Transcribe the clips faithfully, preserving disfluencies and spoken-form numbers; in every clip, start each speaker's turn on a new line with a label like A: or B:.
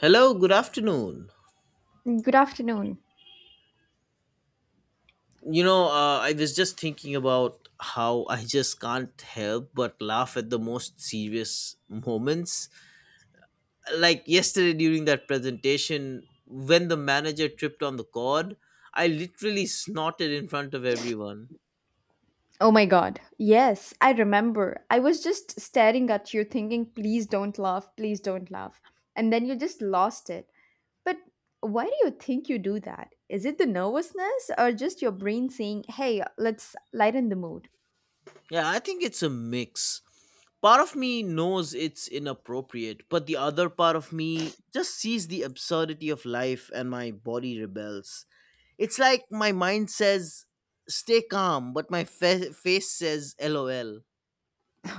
A: Hello, good afternoon.
B: Good afternoon.
A: You know, uh, I was just thinking about how I just can't help but laugh at the most serious moments. Like yesterday during that presentation, when the manager tripped on the cord, I literally snorted in front of everyone.
B: Oh my god. Yes, I remember. I was just staring at you thinking, please don't laugh, please don't laugh. And then you just lost it. But why do you think you do that? Is it the nervousness or just your brain saying, hey, let's lighten the mood?
A: Yeah, I think it's a mix. Part of me knows it's inappropriate, but the other part of me just sees the absurdity of life and my body rebels. It's like my mind says, stay calm, but my fa- face says, lol.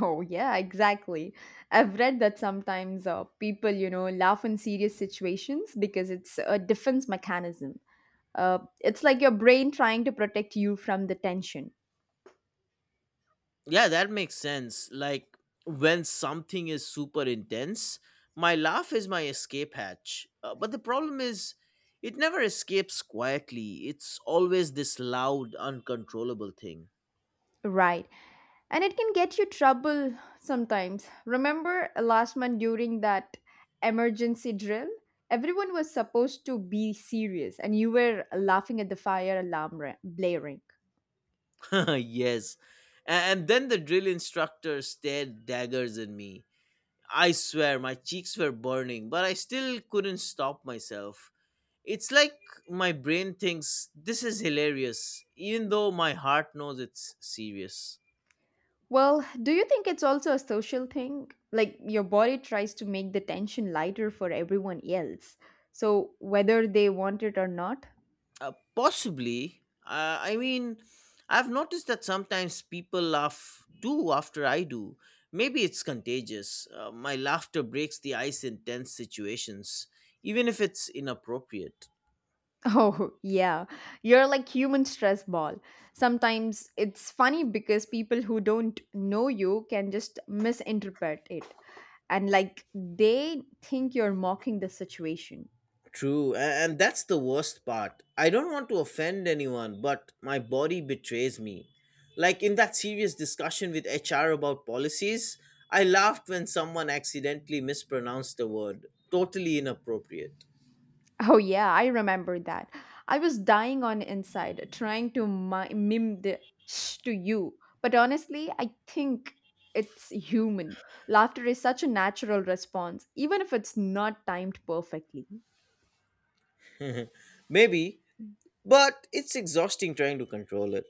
B: Oh, yeah, exactly. I've read that sometimes uh, people, you know, laugh in serious situations because it's a defense mechanism. Uh, it's like your brain trying to protect you from the tension.
A: Yeah, that makes sense. Like when something is super intense, my laugh is my escape hatch. Uh, but the problem is, it never escapes quietly, it's always this loud, uncontrollable thing.
B: Right, and it can get you trouble sometimes. Remember last month during that emergency drill? Everyone was supposed to be serious, and you were laughing at the fire alarm ra- blaring.
A: Yes. And then the drill instructor stared daggers at me. I swear, my cheeks were burning, but I still couldn't stop myself. It's like my brain thinks this is hilarious, even though my heart knows it's serious.
B: Well, do you think it's also a social thing? Like your body tries to make the tension lighter for everyone else. So, whether they want it or not,
A: Uh, possibly. Uh, I mean, I've noticed that sometimes people laugh too after I do. Maybe it's contagious. Uh, my laughter breaks the ice in tense situations, even if it's inappropriate.
B: oh, yeah. You're like human stress ball. Sometimes it's funny because people who don't know you can just misinterpret it, and like they think you're mocking the situation.
A: True, a- and that's the worst part. I don't want to offend anyone, but my body betrays me. Like in that serious discussion with H R about policies, I laughed when someone accidentally mispronounced the word. Totally inappropriate.
B: Oh, yeah, I remember that. I was dying on inside, trying to mi- mime the shh to you. But honestly, I think it's human. Laughter is such a natural response, even if it's not timed perfectly.
A: Maybe, but it's exhausting trying to control it.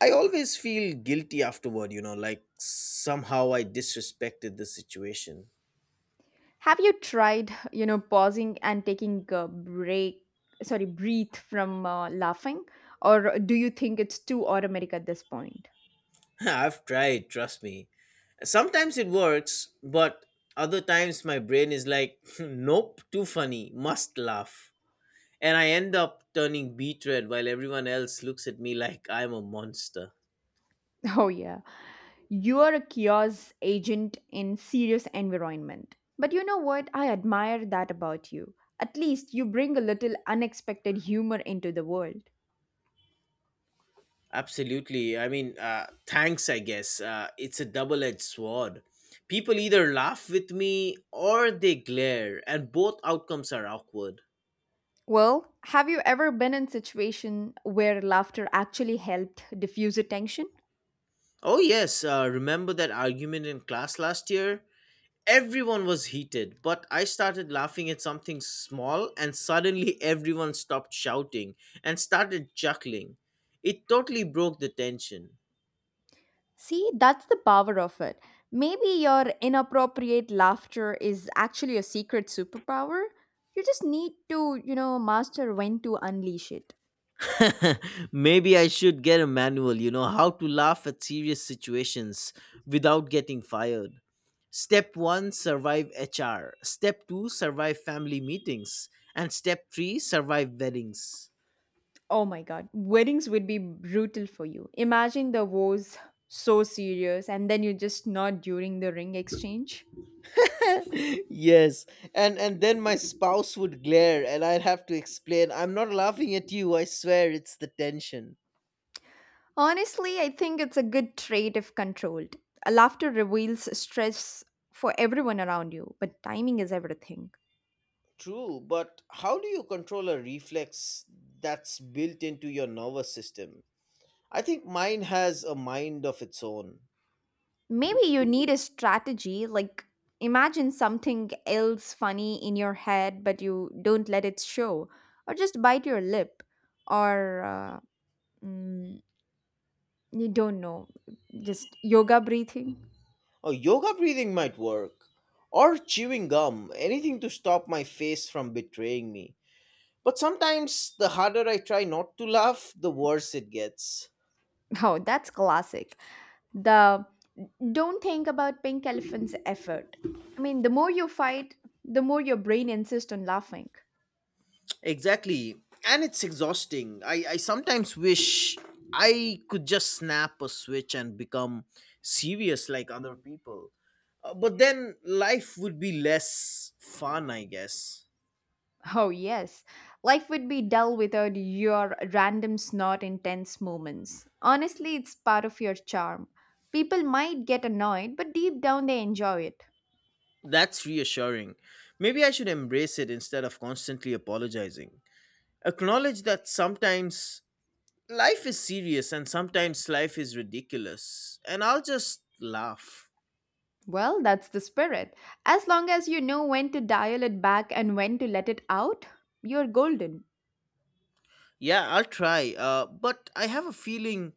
A: I always feel guilty afterward, you know, like somehow I disrespected the situation.
B: Have you tried, you know, pausing and taking a break, sorry, breathe from uh, laughing? Or do you think it's too automatic at this point?
A: I've tried, trust me. Sometimes it works, but other times my brain is like, nope, too funny, must laugh. And I end up turning beet red while everyone else looks at me like I'm a monster.
B: Oh yeah. You are a kiosk agent in serious environment. But you know what? I admire that about you. At least you bring a little unexpected humor into the world.
A: Absolutely. I mean, uh, thanks, I guess. Uh, it's a double edged sword. People either laugh with me or they glare, and both outcomes are awkward.
B: Well, have you ever been in situation where laughter actually helped diffuse a tension?
A: Oh, yes. Uh, remember that argument in class last year? Everyone was heated, but I started laughing at something small, and suddenly everyone stopped shouting and started chuckling. It totally broke the tension.
B: See, that's the power of it. Maybe your inappropriate laughter is actually a secret superpower. You just need to, you know, master when to unleash it.
A: Maybe I should get a manual, you know, how to laugh at serious situations without getting fired. Step one survive H R. Step two survive family meetings. And step three survive weddings.
B: Oh my god, weddings would be brutal for you. Imagine the vows so serious and then you just nod during the ring exchange.
A: Yes, and and then my spouse would glare and I'd have to explain, I'm not laughing at you, I swear, it's the tension.
B: Honestly, I think it's a good trait if controlled. Laughter reveals stress for everyone around you, but timing is everything.
A: True, but how do you control a reflex that's built into your nervous system? I think mine has a mind of its own.
B: Maybe you need a strategy, like imagine something else funny in your head, but you don't let it show, or just bite your lip, or uh, mm, you don't know, just yoga breathing.
A: Oh, yoga breathing might work, or chewing gum, anything to stop my face from betraying me. But sometimes the harder I try not to laugh, the worse it gets.
B: Oh, that's classic. The don't think about pink elephant's effort. I mean, the more you fight, the more your brain insists on laughing.
A: Exactly. And it's exhausting. I, I sometimes wish I could just snap a switch and become serious like other people. Uh, but then life would be less fun, I guess.
B: Oh, yes. Life would be dull without your random snort intense moments. Honestly, it's part of your charm. People might get annoyed, but deep down they enjoy it.
A: That's reassuring. Maybe I should embrace it instead of constantly apologizing. Acknowledge that sometimes life is serious and sometimes life is ridiculous. And I'll just laugh.
B: Well, that's the spirit. As long as you know when to dial it back and when to let it out, you're golden.
A: Yeah, I'll try. Uh, but I have a feeling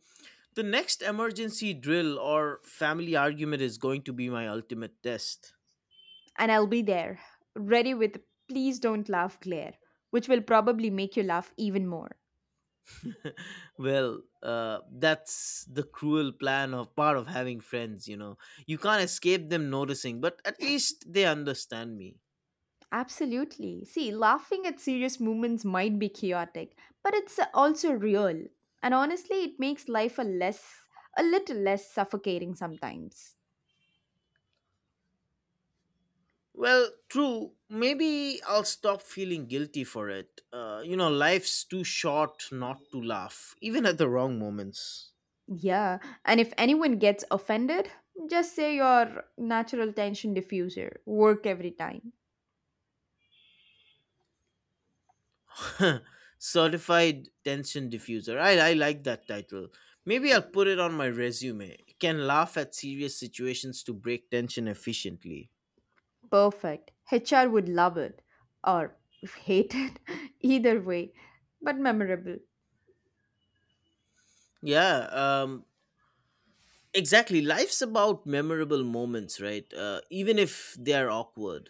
A: the next emergency drill or family argument is going to be my ultimate test.
B: And I'll be there, ready with please don't laugh glare, which will probably make you laugh even more.
A: Well, uh, that's the cruel plan of part of having friends, you know. You can't escape them noticing, but at least they understand me.
B: Absolutely. See, laughing at serious moments might be chaotic, but it's also real. And honestly, it makes life a less a little less suffocating sometimes.
A: Well, true, maybe I'll stop feeling guilty for it. Uh, you know, life's too short not to laugh, even at the wrong moments.
B: Yeah, and if anyone gets offended, just say your natural tension diffuser. Work every time.
A: Certified Tension Diffuser. I, I like that title. Maybe I'll put it on my resume. Can laugh at serious situations to break tension efficiently.
B: Perfect. H R would love it or hate it. Either way, but memorable.
A: Yeah, um, exactly. Life's about memorable moments, right? Uh, even if they're awkward.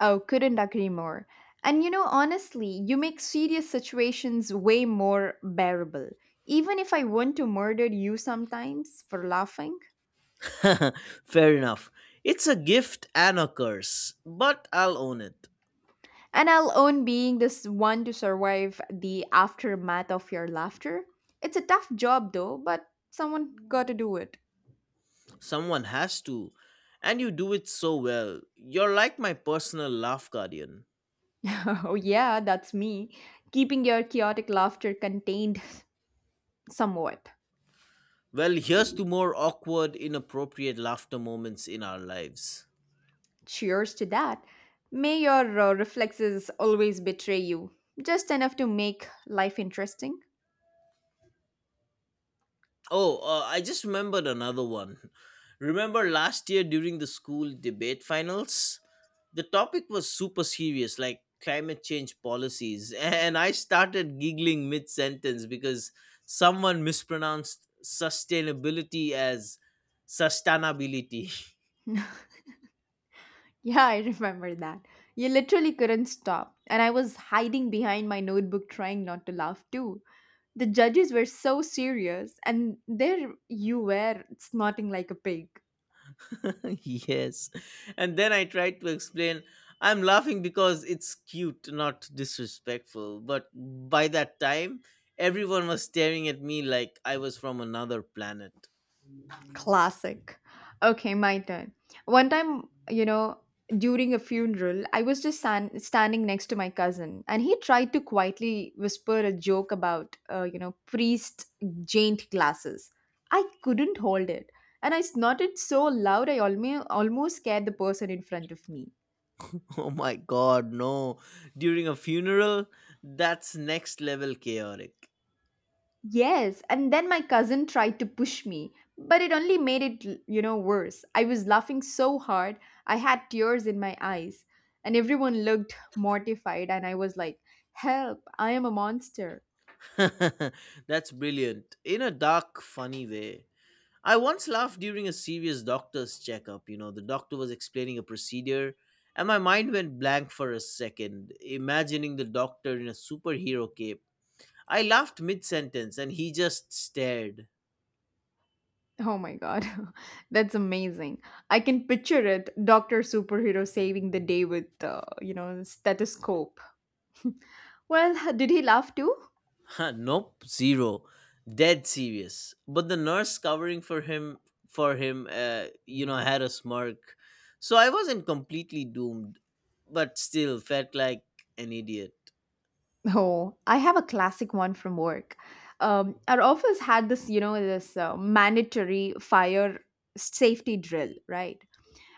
B: Oh, couldn't agree more. And you know, honestly, you make serious situations way more bearable. Even if I want to murder you sometimes for laughing,
A: Fair enough. It's a gift and a curse, but I'll own it.
B: and I'll own being this one to survive the aftermath of your laughter. It's a tough job though, but someone got to do it.
A: Someone has to. And you do it so well. You're like my personal laugh guardian.
B: Oh, yeah, that's me. Keeping your chaotic laughter contained somewhat.
A: Well, here's to more awkward, inappropriate laughter moments in our lives.
B: Cheers to that. May your uh, reflexes always betray you, just enough to make life interesting.
A: Oh, uh, I just remembered another one. Remember last year during the school debate finals? The topic was super serious, like climate change policies, and I started giggling mid sentence because someone mispronounced sustainability as sustainability.
B: Yeah, I remember that. You literally couldn't stop, and I was hiding behind my notebook trying not to laugh too. The judges were so serious, and there you were snorting like a pig.
A: Yes. And then I tried to explain, I'm laughing because it's cute, not disrespectful. But by that time, everyone was staring at me like I was from another planet.
B: Classic. Okay, my turn. One time, you know, during a funeral, I was just san- standing next to my cousin, and he tried to quietly whisper a joke about, uh, you know, priest jaint glasses. I couldn't hold it, and I snorted so loud I alme- almost scared the person in front of me.
A: Oh my god, no. During a funeral, that's next level chaotic.
B: Yes, and then my cousin tried to push me, but it only made it, l- you know, worse. I was laughing so hard, I had tears in my eyes, and everyone looked mortified, and I was like, help, I am a monster.
A: That's brilliant in a dark, funny way. I once laughed during a serious doctor's checkup. You know, the doctor was explaining a procedure, and my mind went blank for a second, imagining the doctor in a superhero cape. I laughed mid sentence, and he just stared.
B: Oh my god, that's amazing. I can picture it, doctor Superhero saving the day with, uh, you know, stethoscope. Well, did he laugh too?
A: Nope, zero, dead serious. But the nurse covering for him, for him, uh, you know, had a smirk, so I wasn't completely doomed, but still felt like an idiot.
B: Oh, I have a classic one from work. Um, our office had this, you know, this uh, mandatory fire safety drill, right?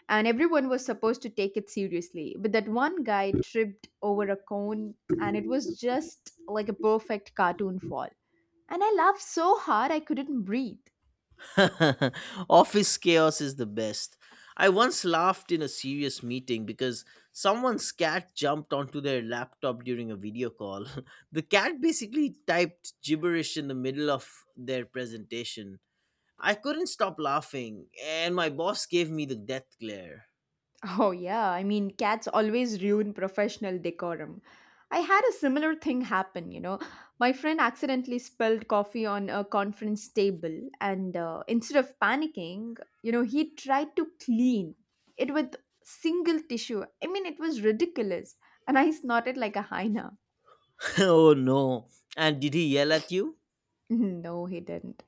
B: And everyone was supposed to take it seriously. But that one guy tripped over a cone and it was just like a perfect cartoon fall. And I laughed so hard I couldn't breathe.
A: Office chaos is the best. I once laughed in a serious meeting because someone's cat jumped onto their laptop during a video call. The cat basically typed gibberish in the middle of their presentation. I couldn't stop laughing, and my boss gave me the death glare.
B: Oh, yeah. I mean, cats always ruin professional decorum. I had a similar thing happen, you know. My friend accidentally spilled coffee on a conference table, and uh, instead of panicking, you know, he tried to clean it with single tissue. I mean, it was ridiculous. And I snorted like a hyena.
A: Oh no. And did he yell at you?
B: No, he didn't.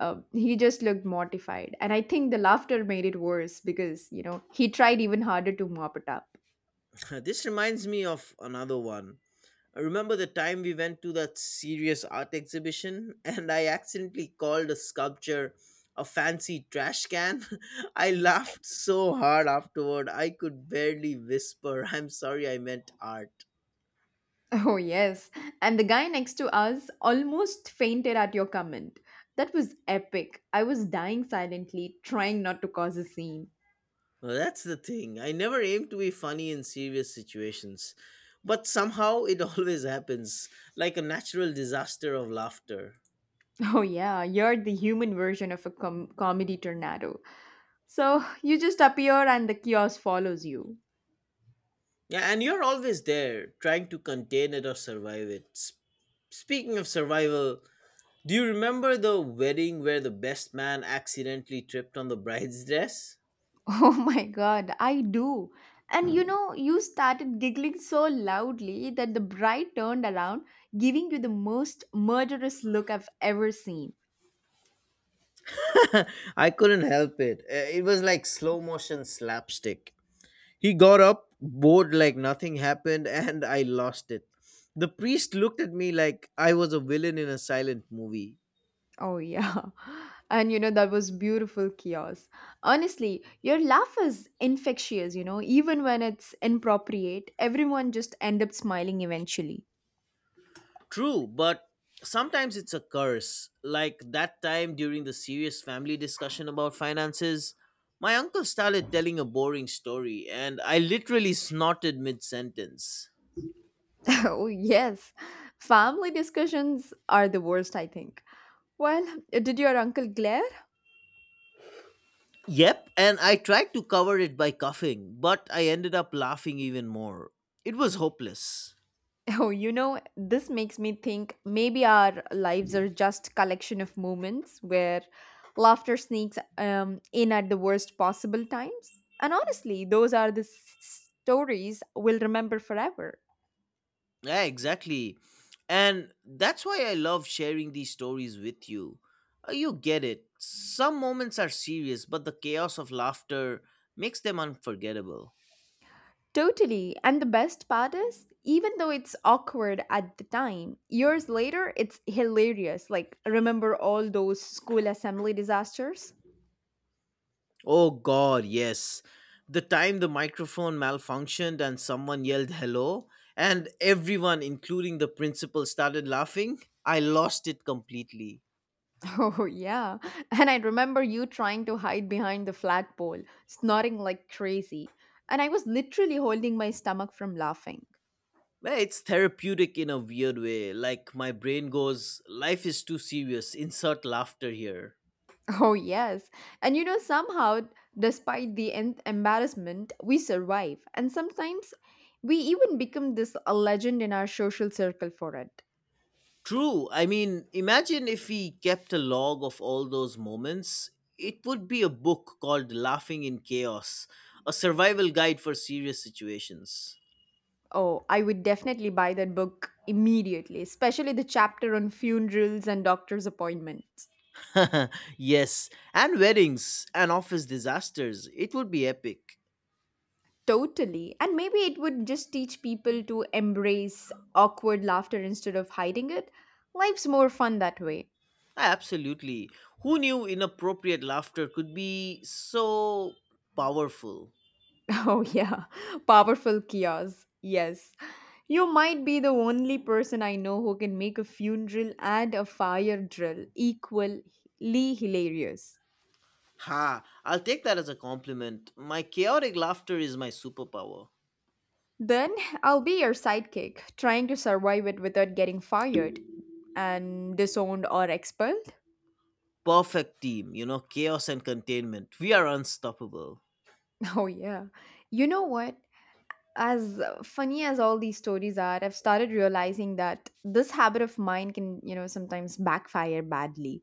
B: Uh, he just looked mortified. And I think the laughter made it worse because, you know, he tried even harder to mop it up.
A: This reminds me of another one. I remember the time we went to that serious art exhibition and I accidentally called a sculpture a fancy trash can. I laughed so hard afterward, I could barely whisper, I'm sorry I meant art.
B: Oh, yes. And the guy next to us almost fainted at your comment. That was epic. I was dying silently, trying not to cause a scene.
A: Well, that's the thing. I never aim to be funny in serious situations, but somehow it always happens, like a natural disaster of laughter.
B: Oh, yeah, you're the human version of a com- comedy tornado. So you just appear and the chaos follows you.
A: Yeah, and you're always there, trying to contain it or survive it. S- Speaking of survival, do you remember the wedding where the best man accidentally tripped on the bride's dress?
B: Oh my god, I do. And you know, you started giggling so loudly that the bride turned around, giving you the most murderous look I've ever seen.
A: I couldn't help it. Uh, It was like slow motion slapstick. He got up, bored like nothing happened, and I lost it. The priest looked at me like I was a villain in a silent movie.
B: Oh, yeah. And you know, that was beautiful chaos. Honestly, your laugh is infectious, you know, even when it's inappropriate, everyone just end up smiling eventually.
A: True, but sometimes it's a curse. Like that time during the serious family discussion about finances, my uncle started telling a boring story, and I literally snorted mid sentence.
B: Oh, yes. Family discussions are the worst, I think. Well, did your uncle glare?
A: Yep, and I tried to cover it by coughing, but I ended up laughing even more. It was hopeless.
B: Oh, you know, this makes me think maybe our lives are just collection of moments where laughter sneaks um, in at the worst possible times. And honestly, those are the s- s- stories we'll remember forever.
A: Yeah, exactly. And that's why I love sharing these stories with you. Uh, You get it. Some moments are serious, but the chaos of laughter makes them unforgettable.
B: Totally. And the best part is, even though it's awkward at the time, years later, it's hilarious. Like, remember all those school assembly disasters?
A: Oh god, yes. The time the microphone malfunctioned and someone yelled hello, and everyone, including the principal, started laughing, I lost it completely.
B: Oh, yeah. And I remember you trying to hide behind the flat pole, snorting like crazy. And I was literally holding my stomach from laughing.
A: Well, it's therapeutic in a weird way. Like my brain goes, life is too serious. Insert laughter here.
B: Oh, yes. And you know, somehow, despite the en- embarrassment, we survive. And sometimes we even become this a legend in our social circle for it.
A: True. I mean, imagine if we kept a log of all those moments. It would be a book called Laughing in Chaos, a survival guide for serious situations.
B: Oh, I would definitely buy that book immediately, especially the chapter on funerals and doctor's appointments.
A: Yes, and weddings and office disasters. It would be epic.
B: Totally. And maybe it would just teach people to embrace awkward laughter instead of hiding it. Life's more fun that way.
A: Absolutely. Who knew inappropriate laughter could be so powerful?
B: Oh, yeah. Powerful chaos. Yes. You might be the only person I know who can make a funeral and a fire drill equally hilarious.
A: Ha, I'll take that as a compliment. My chaotic laughter is my superpower.
B: Then I'll be your sidekick, trying to survive it without getting fired and disowned or expelled.
A: Perfect team, you know, chaos and containment. We are unstoppable.
B: Oh, yeah. You know what? As funny as all these stories are, I've started realizing that this habit of mine can, you know sometimes backfire badly.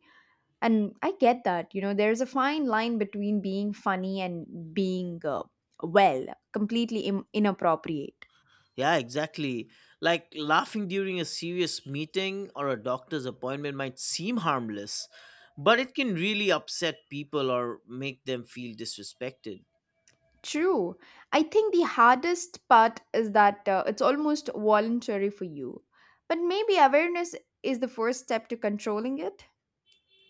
B: And I get that, you know there's a fine line between being funny and being uh, well completely Im- inappropriate.
A: Yeah, exactly. Like laughing during a serious meeting or a doctor's appointment might seem harmless, but it can really upset people or make them feel disrespected.
B: True, I think the hardest part is that uh, it's almost voluntary for you, but maybe awareness is the first step to controlling it.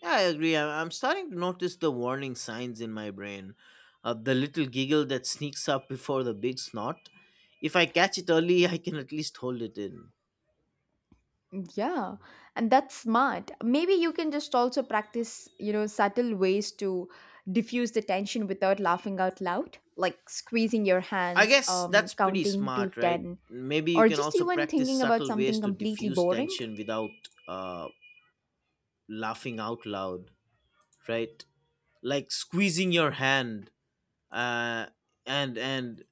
A: Yeah, I agree. I- I'm starting to notice the warning signs in my brain. Uh, the little giggle that sneaks up before the big snort. If I catch it early, I can at least hold it in.
B: Yeah, and that's smart. Maybe you can just also practice, you know, subtle ways to diffuse the tension without laughing out loud, like squeezing your
A: I
B: hands,
A: guess
B: um,
A: that's pretty
B: counting to
A: smart, right?
B: ten,
A: Maybe you
B: or
A: can
B: just
A: also
B: even
A: practice
B: thinking about
A: subtle ways
B: something
A: to
B: completely
A: diffuse
B: boring.
A: tension without uh, laughing out loud, right? Like squeezing your hand uh, and and